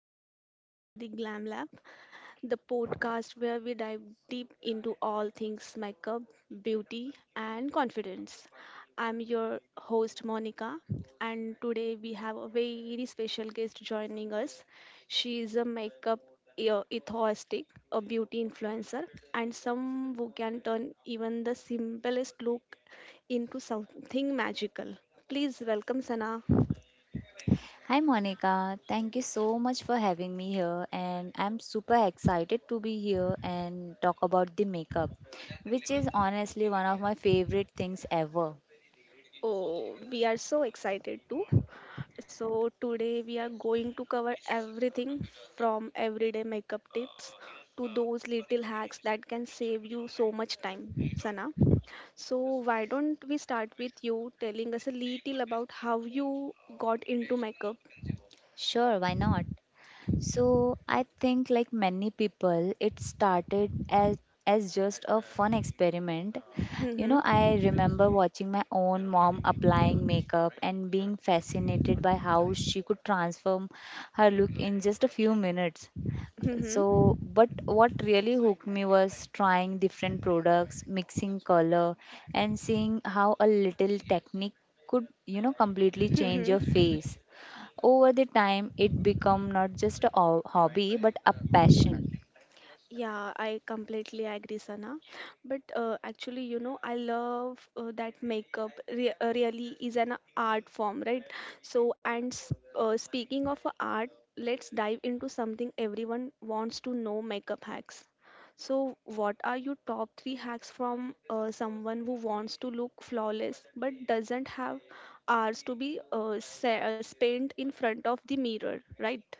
Welcome back to the Glam Lab, the podcast where we dive deep into all things makeup, beauty, and confidence. I'm your host, Monica, and today we have a very special guest joining us. She is a makeup enthusiast, a beauty influencer, and some who can turn even the simplest look into something magical. Please welcome Sana. Hi Monica, thank you so much for having me here, and I'm super excited to be here and talk about the makeup, which is honestly one of my favorite things ever. Oh, we are so excited too. So, today we are going to cover everything from everyday makeup tips to those little hacks that can save you so much time, Sana. So, why don't we start with you telling us a little about how you got into makeup? Sure, why not? So, I think like many people, it started as just a fun experiment. You know, Mm-hmm. I remember watching my own mom applying makeup and being fascinated by how she could transform her look in just a few minutes. Mm-hmm. So, but what really hooked me was trying different products, mixing color, and seeing how a little technique could, you know, completely change your Mm-hmm. face. Over the time, it become not just a hobby but a passion. Yeah, I completely agree, Sana. But actually, you know, I love that makeup re really is an art form, right? So, speaking of a art, let's dive into something everyone wants to know makeup hacks. So, what are your top three hacks from someone who wants to look flawless but doesn't have hours to be spent in front of the mirror, right?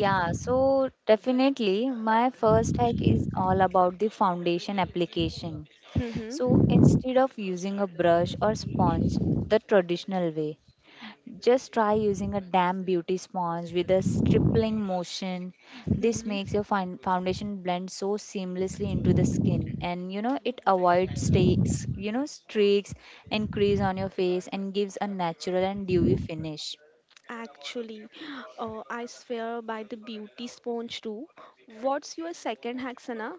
Yeah, so definitely my first hack is all about the foundation application. So Mm-hmm. instead of using a brush or sponge the traditional way, just try using a damp beauty sponge with a stripling motion. This makes Mm-hmm. your foundation blend so seamlessly into the skin, and you know it avoids streaks, streaks and crease on your face, and gives a natural and dewy finish. Actually, I swear by the beauty sponge too. What's your second hack, Sana?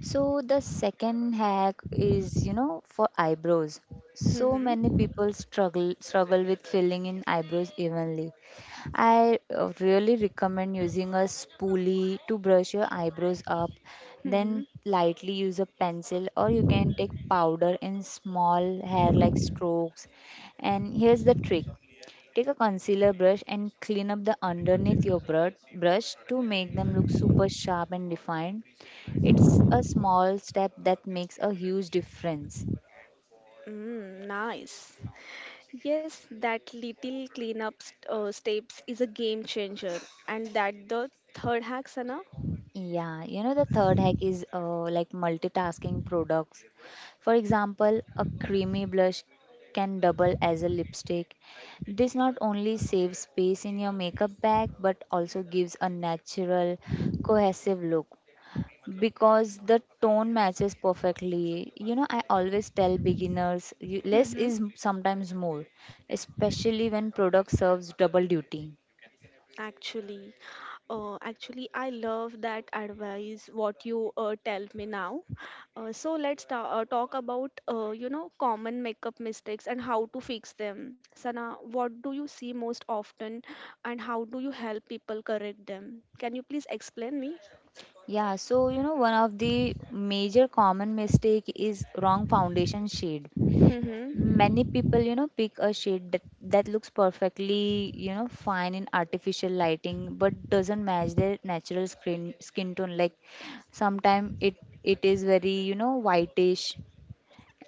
So the second hack is, you know, for eyebrows. So many people struggle with filling in eyebrows evenly. I really recommend using a spoolie to brush your eyebrows up, Hmm. then lightly use a pencil, or you can take powder in small hair like strokes. And here's the trick, take a concealer brush and clean up the underneath your brush to make them look super sharp and defined. It's a small step that makes a huge difference. Mm, nice. Yes, that little cleanup steps is a game changer, and that the third hack, Sana. Yeah, you know, the third hack is like multitasking products. For example, a creamy blush can double as a lipstick. This not only saves space in your makeup bag but also gives a natural, cohesive look because the tone matches perfectly. You know, I always tell beginners, you, less Mm-hmm. is sometimes more, especially when product serves double duty. Actually, actually, I love that advice. What you tell me now, so let's talk about you know common makeup mistakes and how to fix them. Sana, what do you see most often, and how do you help people correct them? Can you please explain me? Yeah, so you know, one of the major common mistake is wrong foundation shade. Mm-hmm. Many people, you know, pick a shade that looks perfectly, you know, fine in artificial lighting, but doesn't match their natural skin tone. Like sometimes it is very, you know, whitish,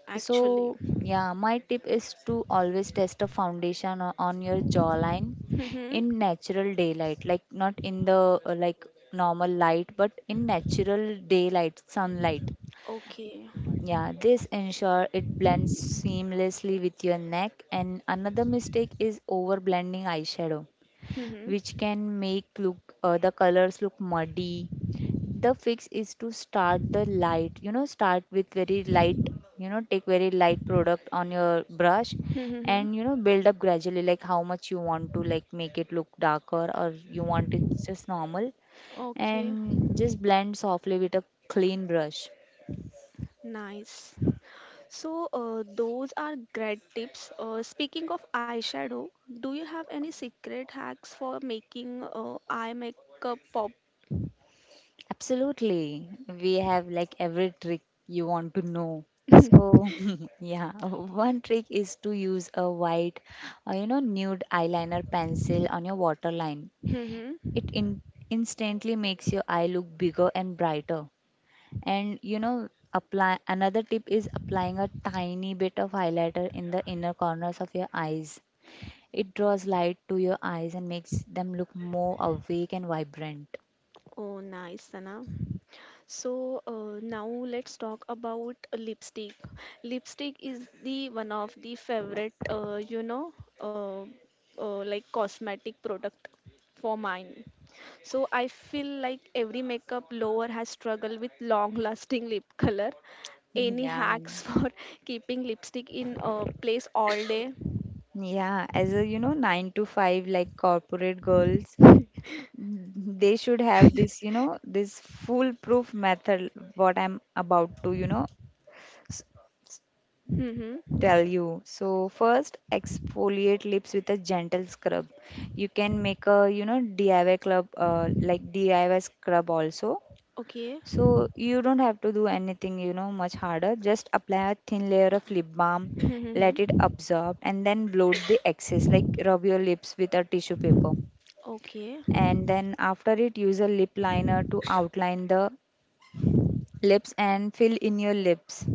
Actually. so, yeah, my tip is to always test a foundation on your jawline Mm-hmm. in natural daylight, like not in the like normal light, but in natural daylight, sunlight. Okay. Yeah, this ensure it blends seamlessly with your neck. And another mistake is over blending eyeshadow, Mm-hmm. which can make look the colors look muddy. The fix is to start with very light, you know, take very light product on your brush Mm-hmm. and, you know, build up gradually, like how much you want to like make it look darker or you want it just normal, Okay. and just blend softly with a clean brush. Nice. So, those are great tips. Speaking of eyeshadow, do you have any secret hacks for making eye makeup pop? Absolutely, we have like every trick you want to know, so yeah, one trick is to use a white you know nude eyeliner pencil on your waterline. Mhm. It instantly makes your eye look bigger and brighter. And you know apply, another tip is applying a tiny bit of highlighter in the inner corners of your eyes. It draws light to your eyes and makes them look more awake and vibrant. Oh, nice, Sana. So, now let's talk about lipstick. Lipstick is the one of the favorite, uh, like cosmetic product for mine. So I feel like every makeup lover has struggled with long lasting lip color. Any Yeah. hacks for keeping lipstick in a place all day? Yeah, as a, you know, nine to five, like corporate girls, mm, they should have this, you know, this foolproof method, what I'm about to, you know, Mm-hmm. tell you. So first, exfoliate lips with a gentle scrub. You can make a, you know, DIY club, like DIY scrub also. Okay. So you don't have to do anything, you know, much harder. Just apply a thin layer of lip balm, let it Mm-hmm. absorb, and then bloat the excess. Like rub your lips with a tissue paper, Okay. and then after it, use a lip liner to outline the lips and fill in your lips,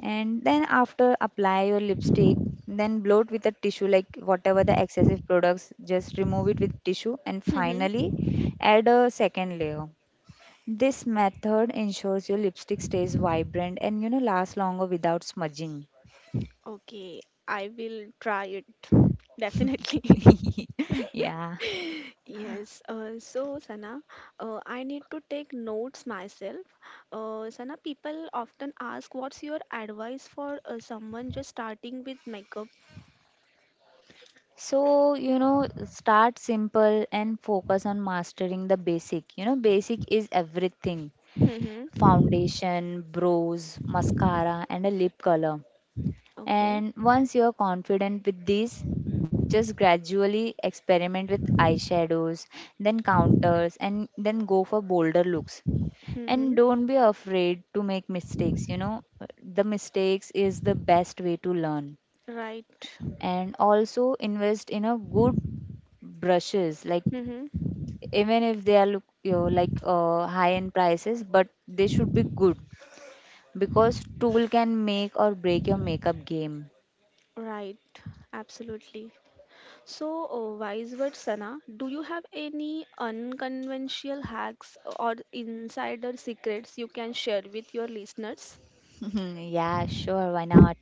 and then after apply your lipstick, then blow it with a tissue, like whatever the excessive products just remove it with tissue, and Mm-hmm. finally add a second layer. This method ensures your lipstick stays vibrant and, you know, lasts longer without smudging. Okay. I will try it. Definitely. Yeah, Yes. So, Sana, I need to take notes myself. Sana, people often ask, what's your advice for someone just starting with makeup? so you know, start simple and focus on mastering the basic, you know, basic is everything. Mm-hmm. Foundation, brows, mascara, and a lip color. Okay. And once you're confident with these, just gradually experiment with eyeshadows, then counters, and then go for bolder looks. And Mm-hmm. don't be afraid to make mistakes, you know, the mistakes is the best way to learn. Right. And also invest in a good brushes, like Mm-hmm. even if they are look, you know, like high end prices, but they should be good because tool can make or break your makeup game. Right. Absolutely. So, wise words, Sana, do you have any unconventional hacks or insider secrets you can share with your listeners? Yeah, sure, why not?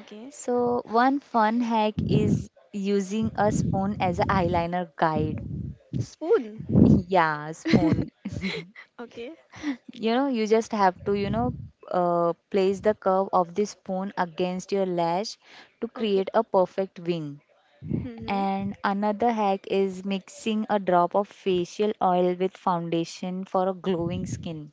Okay. So, one fun hack is using a spoon as an eyeliner guide. Spoon. Yeah, spoon. Okay. You know, you just have to, you know, place the curve of the spoon against your lash to Okay. create a perfect wing. Mm-hmm. And another hack is mixing a drop of facial oil with foundation for a glowing skin.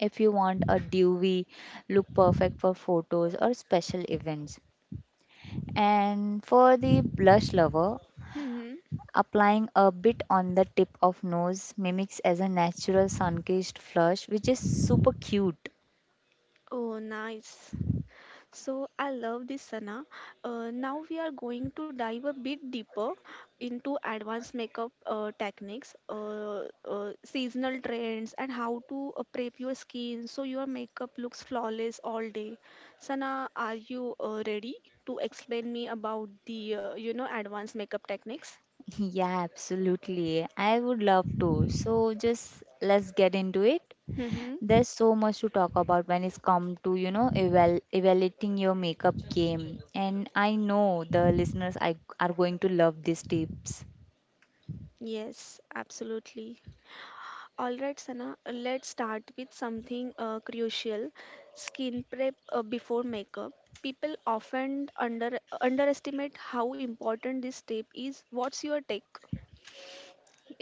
If you want a dewy look perfect for photos or special events. And for the blush lover, Mm-hmm. applying a bit on the tip of nose mimics as a natural sun-kissed flush, which is super cute. Oh, nice. So I love this, Sana. Now we are going to dive a bit deeper into advanced makeup techniques, seasonal trends, and how to prep your skin so your makeup looks flawless all day. Sana, are you ready to explain me about the you know advanced makeup techniques? Yeah, absolutely. I would love to. So just let's get into it. Mm-hmm. There's so much to talk about when it's come to, you know, evaluating your makeup game. And I know the listeners are going to love these tips. Yes, absolutely. All right, Sana, let's start with something crucial skin prep before makeup. People often underestimate how important this step is. What's your take?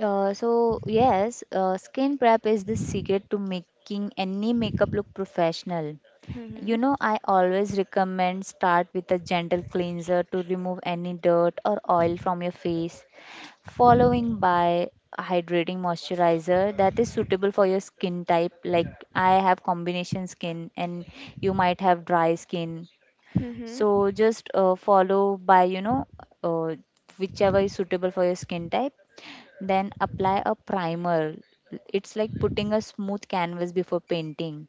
So yes, skin prep is the secret to making any makeup look professional. You Mm-hmm. know, I always recommend start with a gentle cleanser to remove any dirt or oil from your face, following by a hydrating moisturizer that is suitable for your skin type. Like I have combination skin and you might have dry skin. Mm-hmm. So just follow by, you know, uh, whichever is suitable for your skin type, then apply a primer. It's like putting a smooth canvas before painting.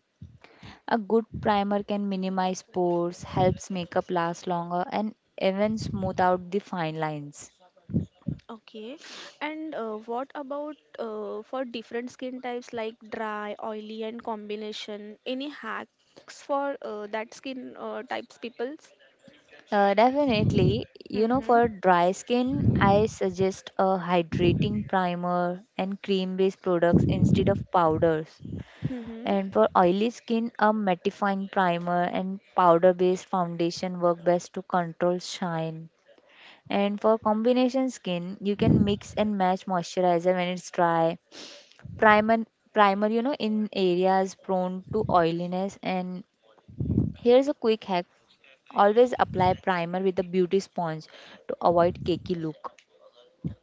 A good primer can minimize pores, helps makeup last longer, and even smooth out the fine lines. Okay. And what about for different skin types like dry, oily, and combination? Any hacks for that skin types peoples? Definitely, you know, for dry skin, I suggest a hydrating primer and cream based products instead of powders. Mm-hmm. And for oily skin, a mattifying primer and powder based foundation work best to control shine. And for combination skin, you can mix and match moisturizer when it's dry, primer primer, you know, in areas prone to oiliness. And here's a quick hack, always apply primer with a beauty sponge to avoid cakey look.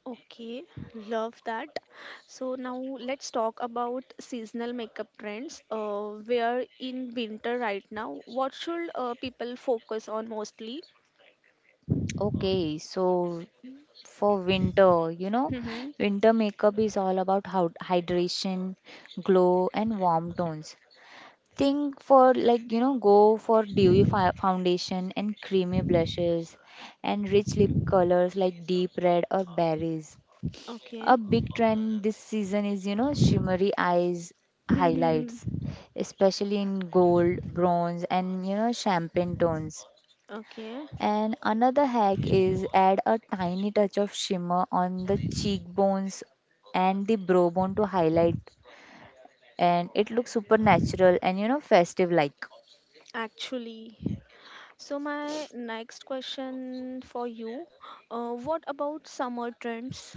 Okay, love that. So now let's talk about seasonal makeup trends. We are in winter right now. What should people focus on mostly? Okay, so for winter, you know, Mm-hmm. winter makeup is all about how hydration, glow, and warm tones. Think for like, you know, go for dewy foundation and creamy blushes and rich lip colors like deep red or berries. Okay. A big trend this season is, you know, shimmery eyes, highlights, Mm-hmm. especially in gold, bronze, and, you know, champagne tones. Okay. And another hack is, add a tiny touch of shimmer on the cheekbones and the brow bone to highlight, and it looks super natural and, you know, festive like. Actually, so my next question for you, what about summer trends?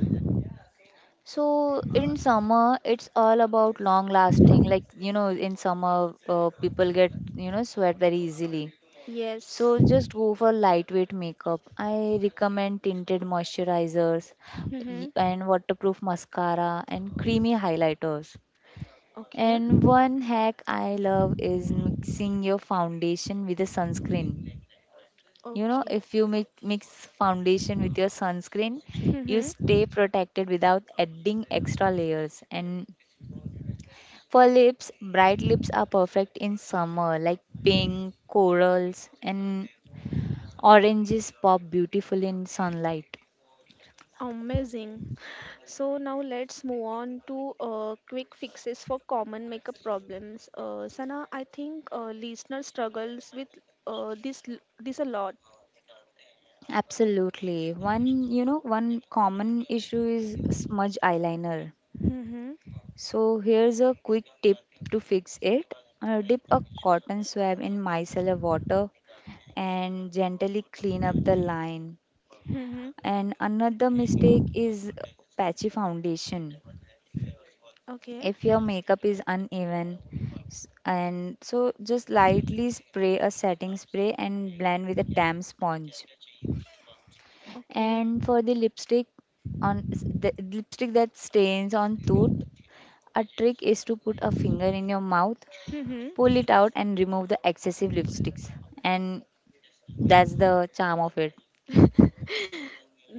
So in summer, it's all about long lasting. Like, you know, in summer, people get, you know, sweat very easily. Yes. So just go for lightweight makeup. I recommend tinted moisturizers Mm-hmm. and waterproof mascara and creamy highlighters. Okay. And one hack I love is mixing your foundation with a sunscreen. You know, Okay. if you mix foundation with your sunscreen, you Hmm. stay protected without adding extra layers. And for lips, bright lips are perfect in summer, like pink, corals, and oranges pop beautiful in sunlight. Amazing. So now let's move on to quick fixes for common makeup problems. Sana, I think listener struggles with this a lot. Absolutely. One common issue is smudge eyeliner. Mm-hmm. So here's a quick tip to fix it. Dip a cotton swab in micellar water and gently clean up the line. Mm-hmm. And another mistake is patchy foundation. Okay. If your makeup is uneven, and so just lightly spray a setting spray and blend with a damp sponge. Okay. And for the lipstick the lipstick that stains on tooth, a trick is to put a finger in your mouth, pull Mm-hmm. it out and remove the excessive lipsticks. And that's the charm of it.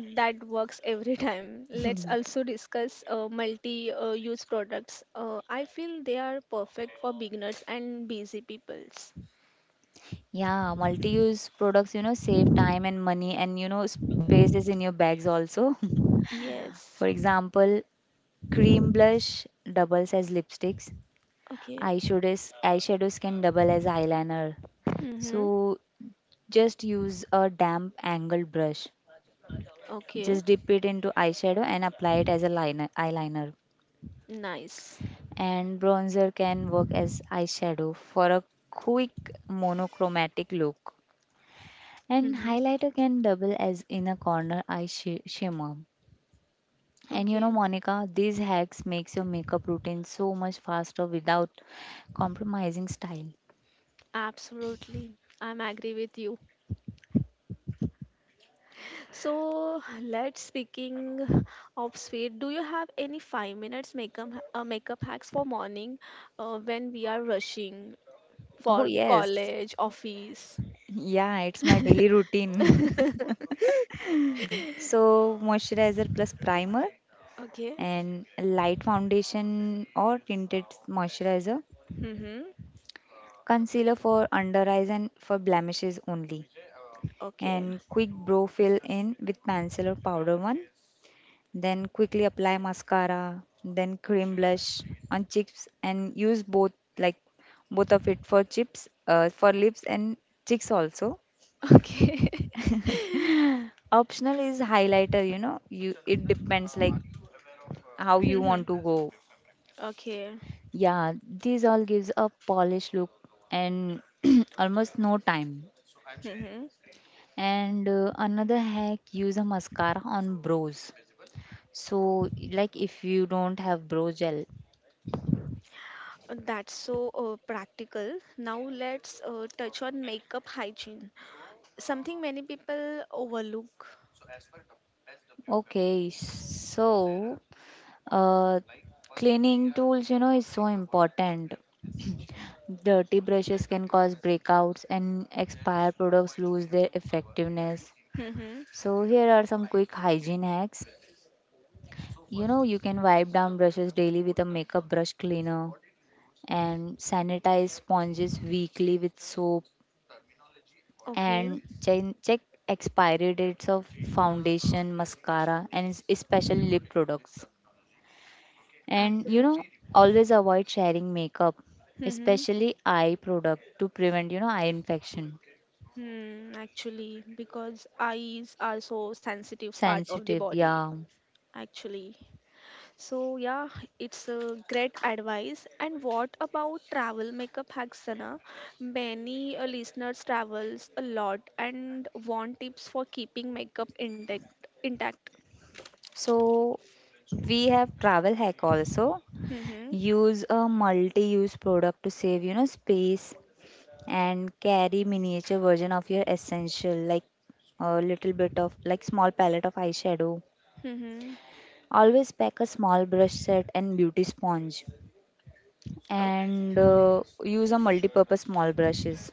That works every time. Let's also discuss multi-use products. I feel they are perfect for beginners and busy peoples. Yeah, multi-use products, you know, save time and money and, you know, spaces in your bags also. Yes. For example, cream blush doubles as lipsticks, Okay. Eyeshadows can double as eyeliner. Mm-hmm. So just use a damp angled brush. Okay. Just dip it into eyeshadow and apply it as a liner, eyeliner. Nice. And bronzer can work as eyeshadow for a quick monochromatic look. And Mhm. highlighter can double as inner corner eye shimmer. And you know, Okay, Monica, these hacks makes your makeup routine so much faster without compromising style. absolutely. I'm agree with you. So let's speaking of sweet. Do you have any 5 minute makeup makeup hacks for morning when we are rushing Oh for yes, college, office? yeah, it's my daily routine. So moisturizer plus primer Okay. and light foundation or tinted moisturizer, Mm-hmm. concealer for under eyes and for blemishes only, Okay. and quick brow fill in with pencil or powder one. Then quickly apply mascara, then cream blush on cheeks and use both like both of it for chips for lips and cheeks also. Okay. Optional is highlighter, you. It depends like how you want to Mm-hmm. go. Okay. Yeah, these all gives a polished look and almost no time. Mm-hmm. And another hack, use a mascara on brows. So like if you don't have brow gel. That's so practical. Now let's touch on makeup hygiene, something many people overlook. Okay, so uh, cleaning tools is so important. Dirty brushes can cause breakouts and expired products lose their effectiveness. So here are some quick hygiene hacks. You know, you can wipe down brushes daily with a makeup brush cleaner and sanitize sponges weekly with soap Okay, and check expiry dates of foundation, mascara and especially lip products. And you know, absolutely. always avoid sharing makeup, Mm-hmm. especially eye product to prevent, eye infection. Hmm, actually, because eyes are so sensitive part of the Sensitive, body, yeah. actually. So yeah, it's a great advice. And what about travel makeup hacks, Sana? Many listeners travels a lot and want tips for keeping makeup intact. Intact. So we have travel hack also. Mm-hmm. Use a multi-use product to save, space and carry miniature version of your essential like a little bit of like small palette of eyeshadow. Mm-hmm. Always pack a small brush set and beauty sponge Okay. and use a multi-purpose small brushes.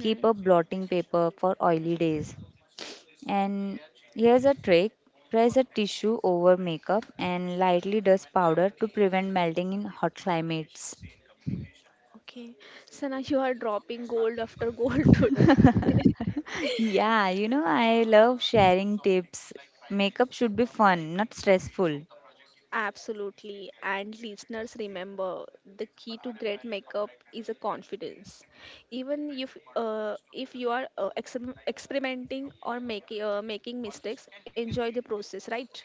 Keep a blotting paper for oily days. And here's a trick, press a tissue over makeup and lightly dust powder to prevent melting in hot climates. Okay. Sana, you are dropping gold after gold today. Yeah, you know, I love sharing tips. Makeup should be fun, not stressful. Absolutely. And listeners, remember the key to great makeup is a confidence. Even if you are experimenting or making making mistakes, enjoy the process, right?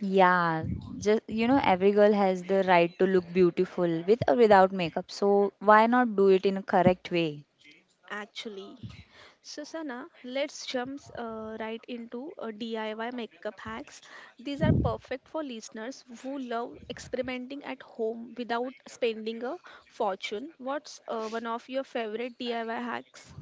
Yeah, just you know, every girl has the right to look beautiful with or without makeup, so why not do it in a correct way? Actually, Susanna, let's jump right into DIY makeup hacks. These are perfect for listeners who love experimenting at home without spending a fortune. What's one of your favorite DIY hacks?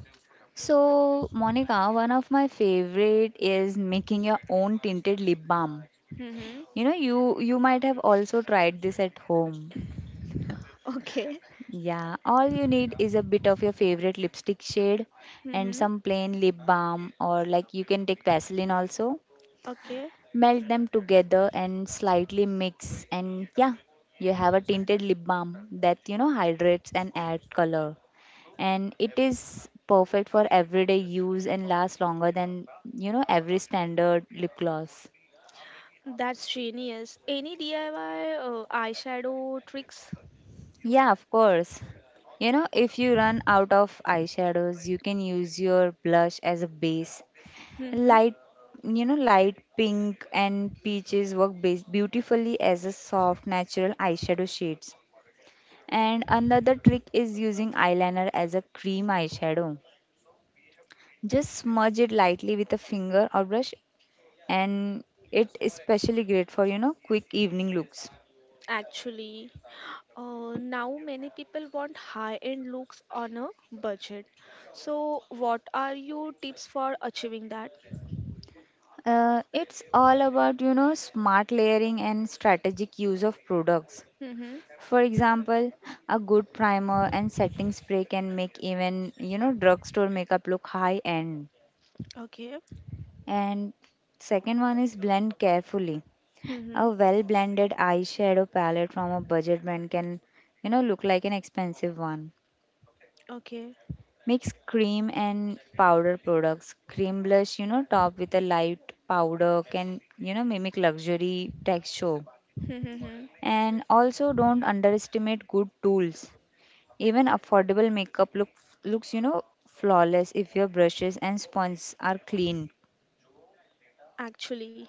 So, Monica, one of my favorite is making your own tinted lip balm. Mm-hmm. You know, you might have also tried this at home. Okay. Yeah, all you need is a bit of your favorite lipstick shade and Mm-hmm. some plain lip balm or like you can take Vaseline also. Okay. Melt them together and slightly mix and yeah, you have a tinted lip balm that you know hydrates and adds color. And it is perfect for everyday use and lasts longer than you know every standard lip gloss. That's genius. Any DIY eyeshadow tricks? Yeah, of course. You know, if you run out of eyeshadows, you can use your blush as a base. Mm-hmm. Light, you know, light pink and peaches work beautifully as a soft natural eyeshadow shades. And another trick is using eyeliner as a cream eyeshadow. Just smudge it lightly with a finger or brush and it is especially great for you know quick evening looks. Actually, now many people want high-end looks on a budget. So, what are your tips for achieving that? It's all about you know smart layering and strategic use of products. Mm-hmm. For example, a good primer and setting spray can make even you know drugstore makeup look high end. Okay. And second one is blend carefully. Mm-hmm. A well blended eyeshadow palette from a budget brand can you know look like an expensive one. Okay. Mix cream and powder products. Cream blush, you know, top with a light powder can, you know, mimic luxury texture. Mm-hmm. And also don't underestimate good tools. Even affordable makeup looks, you know, flawless if your brushes and sponges are clean. Actually,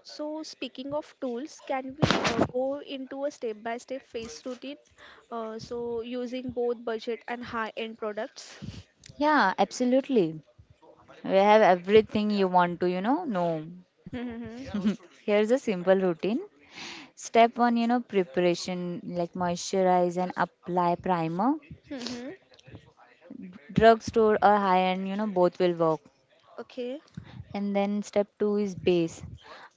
so speaking of tools, can we go into a step-by-step face routine? So using both budget and high-end products. Yeah, absolutely. We have everything you want to, you know, know. Mm-hmm. Here's a simple routine. Step one, you know, preparation like moisturize and apply primer. Mm-hmm. Drugstore or high end you know both will work, Okay. and then step 2 is base.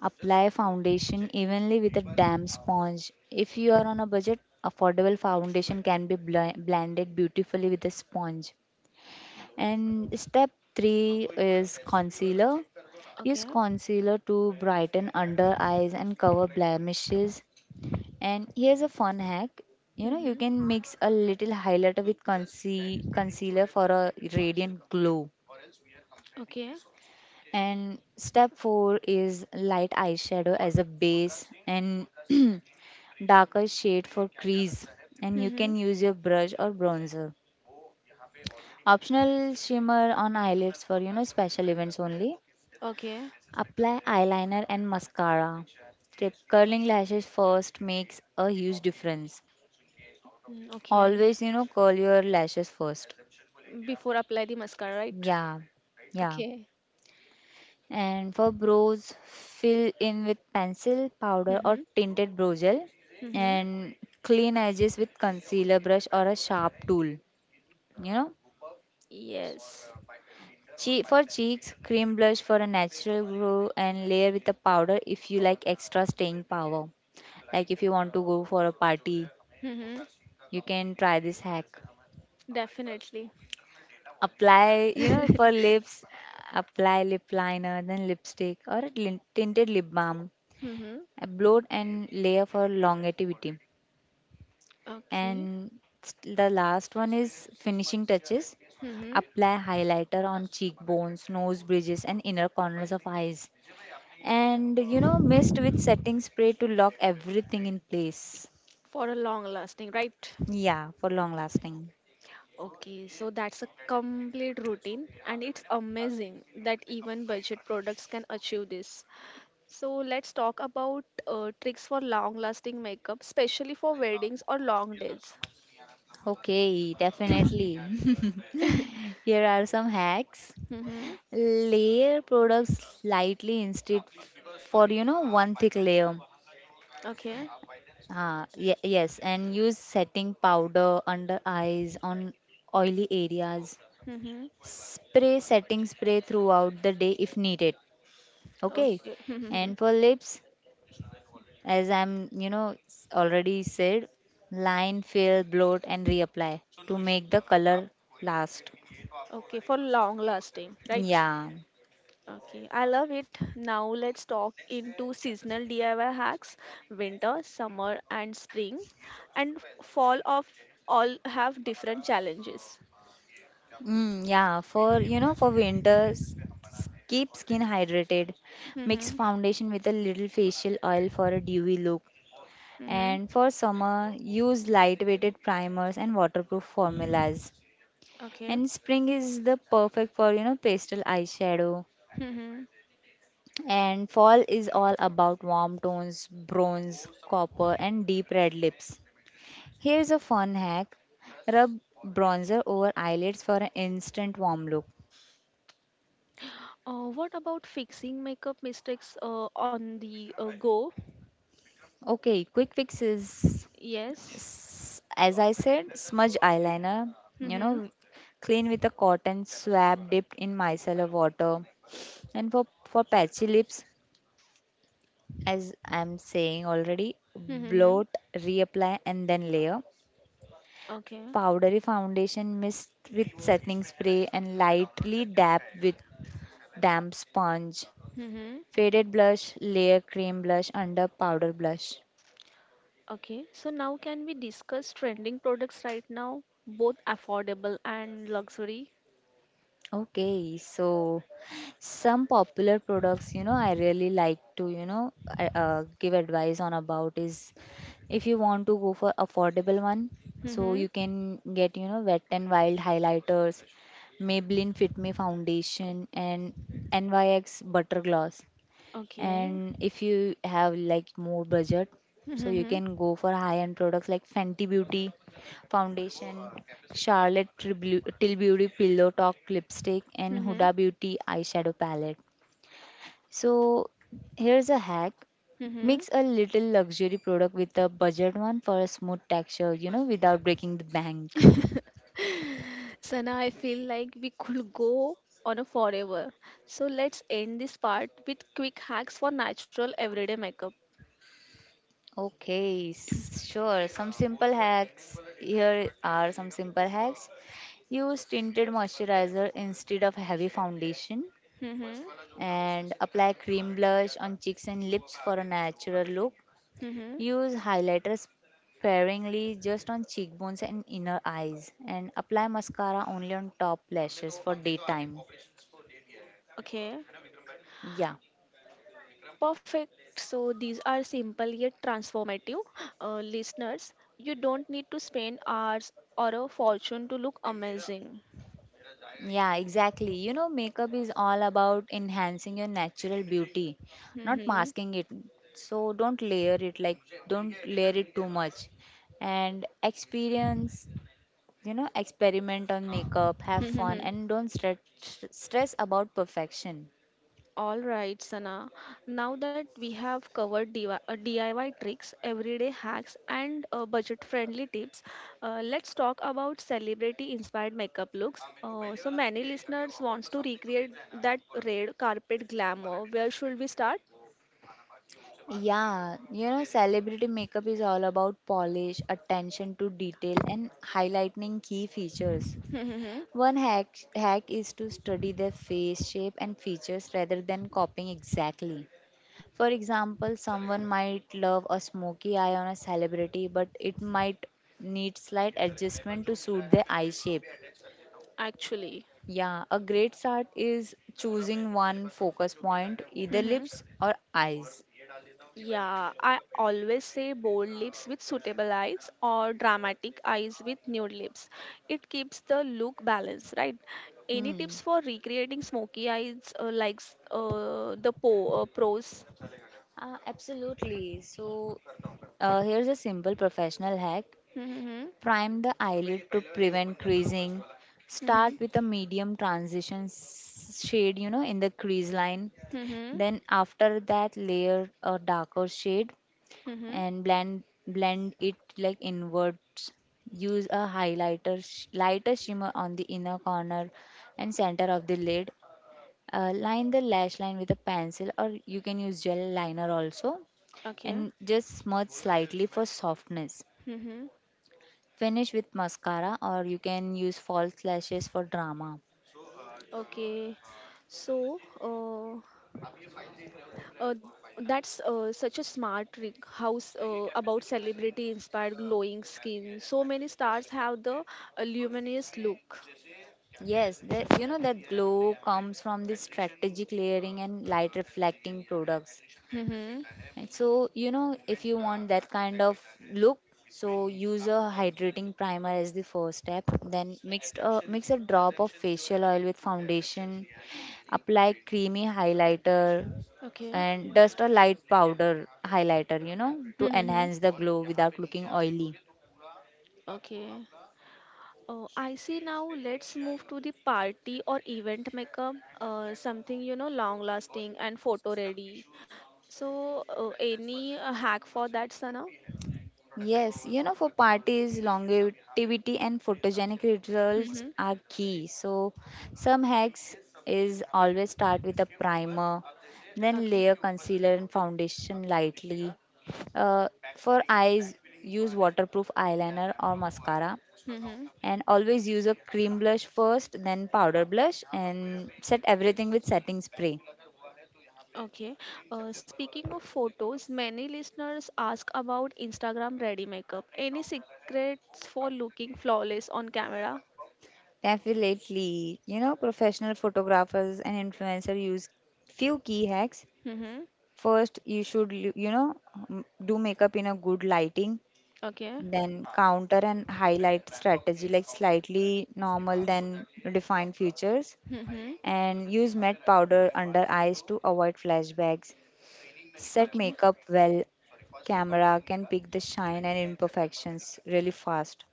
Apply foundation evenly with a damp sponge. If you are on a budget, affordable foundation can be blended beautifully with a sponge. And step 3 is concealer. Use Okay. concealer to brighten under eyes and cover blemishes. And here's a fun hack, you know, you Mm-hmm. can mix a little highlighter with concealer for a radiant glow. Okay. And step 4 is light eyeshadow as a base and darker shade for crease. And you Mm-hmm. can use your brush or bronzer. Optional shimmer on eyelids for you know special events only. Okay. Apply eyeliner and mascara. Tip, curling lashes first makes a huge difference. Mm, okay. Always, you know, curl your lashes first. Before apply the mascara, right? Yeah, yeah. Okay. And for brows, fill in with pencil, powder, Mm-hmm. or tinted brow gel. Mm-hmm. And clean edges with concealer brush or a sharp tool. You know, Yes. For cheeks, cream blush for a natural glow and layer with a powder if you like extra staying power. Like if you want to go for a party, Mm-hmm. you can try this hack. Definitely. Apply, you know, for lips, apply lip liner, then lipstick or a tinted lip balm, Mm-hmm. upload and layer for longevity. Okay. And the last one is finishing touches. Mm-hmm. Apply highlighter on cheekbones, nose bridges, and inner corners of eyes. And you know, mist with setting spray to lock everything in place. For a long lasting, right? Yeah, for long lasting. Okay, so that's a complete routine, and it's amazing that even budget products can achieve this. So let's talk about tricks for long lasting makeup, especially for weddings or long days. Okay, definitely. Here are some hacks. Mm-hmm. Layer products lightly instead for you know one thick layer. Okay. Ah, yes, and use setting powder under eyes on oily areas. Mm-hmm. Spray setting spray throughout the day if needed. Okay, Okay. Mm-hmm. and for lips, as I'm you know already said, line, fill, bloat, and reapply to make the color last. Okay, for long lasting, right? Yeah, Okay, I love it. Now let's talk into seasonal DIY hacks, winter, summer and spring and fall of all have different challenges. mm, yeah. For you know for winters, keep skin hydrated. Mix Mm-hmm. foundation with a little facial oil for a dewy look. Mm-hmm. And for summer, use lightweighted primers and waterproof formulas. Okay. And spring is the perfect for you know pastel eyeshadow. Mm-hmm. And fall is all about warm tones, bronze, copper, and deep red lips. Here's a fun hack. Rub bronzer over eyelids for an instant warm look. What about fixing makeup mistakes on the go? Okay, quick fixes. Yes. As I said, smudge eyeliner, you Mm-hmm. know, clean with a cotton swab dipped in micellar water. And for patchy lips, as I'm saying already, Mm-hmm. bloat, reapply, and then layer. Okay. Powdery foundation mist with setting spray and lightly dab with damp sponge. Mm-hmm. Faded blush, layer cream blush under powder blush. Okay. So now can we discuss trending products right now, both affordable and luxury? Okay, so some popular products, you know, I really like to, you know, give advice on about is if you want to go for affordable one, so you Mm-hmm. can get, you know, Wet and Wild highlighters, Maybelline Fit Me foundation, and NYX butter gloss. Okay. And if you have like more budget, so you Mm-hmm. can go for high-end products like Fenty Beauty foundation, Charlotte Tilbury Pillow Talk lipstick, and Mm-hmm. Huda Beauty eyeshadow palette. So here's a hack: Mm-hmm. mix a little luxury product with a budget one for a smooth texture, you know, without breaking the bank. Sana, I feel like we could go on a forever. So let's end this part with quick hacks for natural everyday makeup. Okay, sure. Some simple hacks. Here are some simple hacks. Use tinted moisturizer instead of heavy foundation Mm-hmm. and apply cream blush on cheeks and lips for a natural look. Mm-hmm. Use highlighter sparingly just on cheekbones and inner eyes and apply mascara only on top lashes for daytime. Okay. Yeah. Perfect. So these are simple yet transformative. Listeners, you don't need to spend hours or a fortune to look amazing. Yeah, exactly. You know, makeup is all about enhancing your natural beauty, not Mhm. masking it. So don't layer it don't layer it too much. And experiment on makeup, have fun and don't stress about perfection. All right, Sana. Now that we have covered DIY tricks, everyday hacks, and budget friendly tips, let's talk about celebrity inspired makeup looks. So many listeners wants to recreate that red carpet glamour. Where should we start? Yeah, you know, दे देंगे celebrity makeup is all about polish, attention to detail, and highlighting key features. One hack is to study their face shape and features rather than copying exactly. For example, someone might love a smoky eye on a celebrity, but it might need slight adjustment to suit their eye shape. Actually. Yeah, a great start is choosing one focus point, either lips or eyes. Yeah, I always say bold lips with suitable eyes or dramatic eyes with nude lips. It keeps the look balanced, right? Any Hmm. tips for recreating smoky eyes like s- the po pros? Absolutely. So, here's a simple professional hack. Mm-hmm. Prime the eyelid to prevent creasing. Start Mm-hmm. with a medium transition shade, you know, in the crease line. Mm-hmm. Then after that layer a darker shade Mm-hmm. and blend it like inwards. Use a highlighter lighter shimmer on the inner corner and center of the lid. Line the lash line with a pencil or you can use gel liner also Okay. and just smudge slightly for softness. Mm-hmm. Finish with mascara or you can use false lashes for drama. Okay. So, uh, that's such a smart trick. How's about celebrity inspired glowing skin? So many stars have the luminous look. Yes, the, you know that glow comes from the strategic layering and light reflecting products. Mm-hmm. Right, so, you know, if you want that kind of look, so use a hydrating primer as the first step. Then mix a drop of facial oil with foundation, apply creamy highlighter, Okay. and dust a light powder highlighter, you know, to Mm-hmm. enhance the glow without looking oily. Okay. Oh, I see now. Let's move to the party or event makeup. Something you know, long lasting and photo ready. So, any hack for that, Sana? Yes, you know, for parties, longevity and photogenic rituals Mm-hmm. are key. So, some hacks is always start with a primer, then Okay. layer concealer and foundation lightly. Uh, for eyes, use waterproof eyeliner or mascara, Mm-hmm. and always use a cream blush first, then powder blush, and set everything with setting spray. Okay. Speaking of photos, many listeners ask about Instagram ready makeup. Any secrets for looking flawless on camera? Definitely, you know, professional photographers and influencers use few key hacks. Mm-hmm. First, you should, you know, do makeup in a good lighting, Okay. then counter and highlight strategy like slightly normal then define features, Mm-hmm. and use matte powder under eyes to avoid flashbacks. Set Okay. makeup well. Camera can pick the shine and imperfections really fast.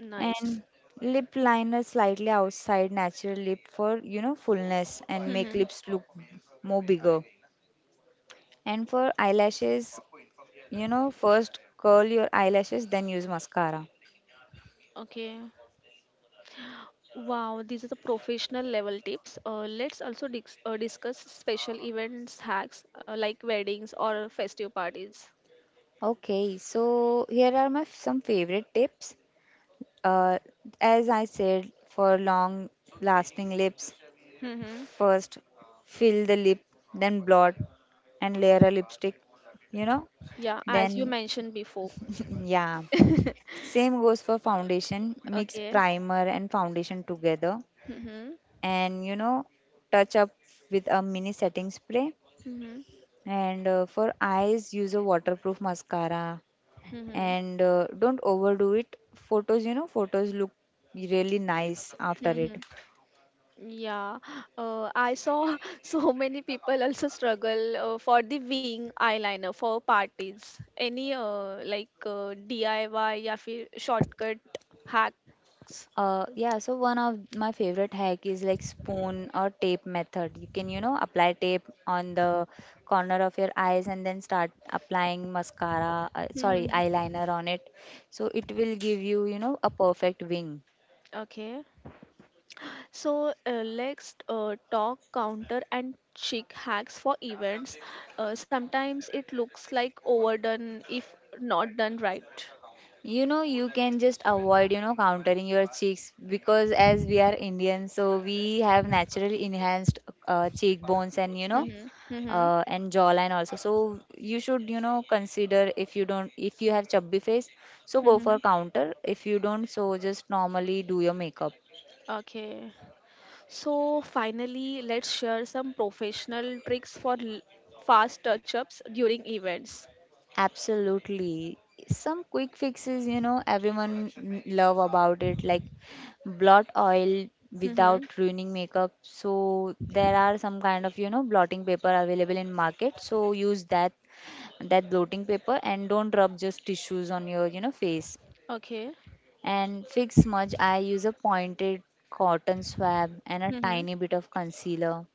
Nice. And lip liner slightly outside natural lip for, you know, fullness and make Mm-hmm. lips look more bigger. And for eyelashes, you know, first curl your eyelashes, then use mascara. Okay. Wow, these are the professional level tips. Let's also discuss special events hacks like weddings or festive parties. Okay, so here are my some favorite tips. Uh, as I said, for long lasting lips, Mm-hmm. first fill the lip, then blot and layer a lipstick, you know. Yeah, as you Then, mentioned before. yeah, same goes for foundation. Mix Okay. primer and foundation together Mm-hmm. and you know, touch up with a mini setting spray. And for eyes, use a waterproof mascara. Mm-hmm. And don't overdo it. Photos, you know, photos look really nice after Mm-hmm. it. Yeah, I saw so many people also struggle for the wing eyeliner for parties. Any like DIY या फिर shortcut hacks. Yeah, so one of my favorite hack is like spoon or tape method. You can, you know, apply tape on the corner of your eyes and then start applying mascara, Hmm, hmm, sorry, hmm. eyeliner on it. So it will give you, you know, a perfect wing. Okay, so let's talk counter and chic hacks for events. Sometimes it looks like overdone if not done right. You know, you can just avoid, you know, countering your cheeks because as we are Indian, so we have naturally enhanced cheekbones and, you know, Hmm, hmm, hmm, hmm, and jawline also. So you should, you know, consider if you don't, if you have chubby face, so go hmm, for hmm. counter. If you don't, so just normally do your makeup. Okay. So, finally, let's share some professional tricks for fast touch ups during events. Absolutely. Some quick fixes, you know, everyone love about it, like blot oil Mm-hmm. without ruining makeup. So there are some kind of, you know, blotting paper available in market. So use that blotting paper and don't rub just tissues on your, you know, face. Okay. And fix smudge, I use a pointed cotton swab and a Mm-hmm. tiny bit of concealer.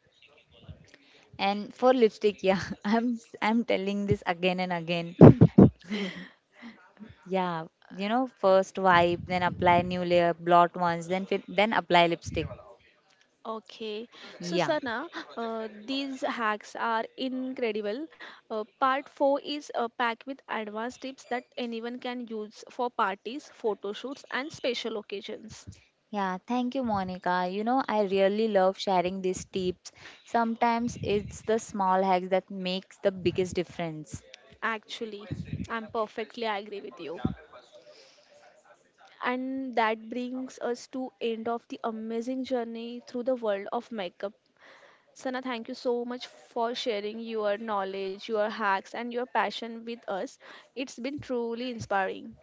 And for lipstick, yeah, I'm telling this again and again. Yeah, you know, first wipe, then apply new layer, blot once, then fit, then apply lipstick. Okay. So, Yeah. Sana, these hacks are incredible. Part 4 is packed with advanced tips that anyone can use for parties, photo shoots, and special occasions. Yeah, thank you, Monica. You know, I really love sharing these tips. Sometimes it's the small hacks that makes the biggest difference. Actually, I'm perfectly agree with you. And that brings us to end of the amazing journey through the world of makeup. Sana, thank you so much for sharing your knowledge, your hacks, and your passion with us. It's been truly inspiring.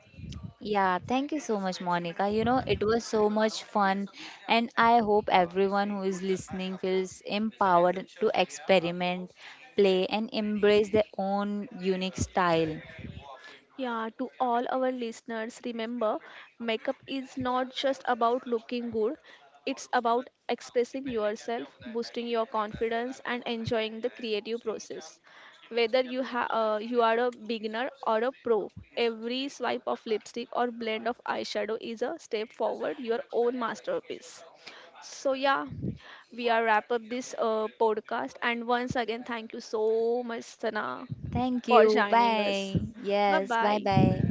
Yeah, thank you so much, Monica. You know, it was so much fun, and I hope everyone who is listening feels empowered to experiment, play, and embrace their own unique style. Yeah, to all our listeners, remember makeup is not just about looking good, it's about expressing yourself, boosting your confidence, and enjoying the creative process. Whether you are a beginner or a pro, every swipe of lipstick or blend of eyeshadow is a step forward, your own masterpiece. So, yeah, we are wrap up this podcast. And once again, thank you so much, Sana, Thank for you. joining us. Bye. Bye Yes. Bye bye. bye.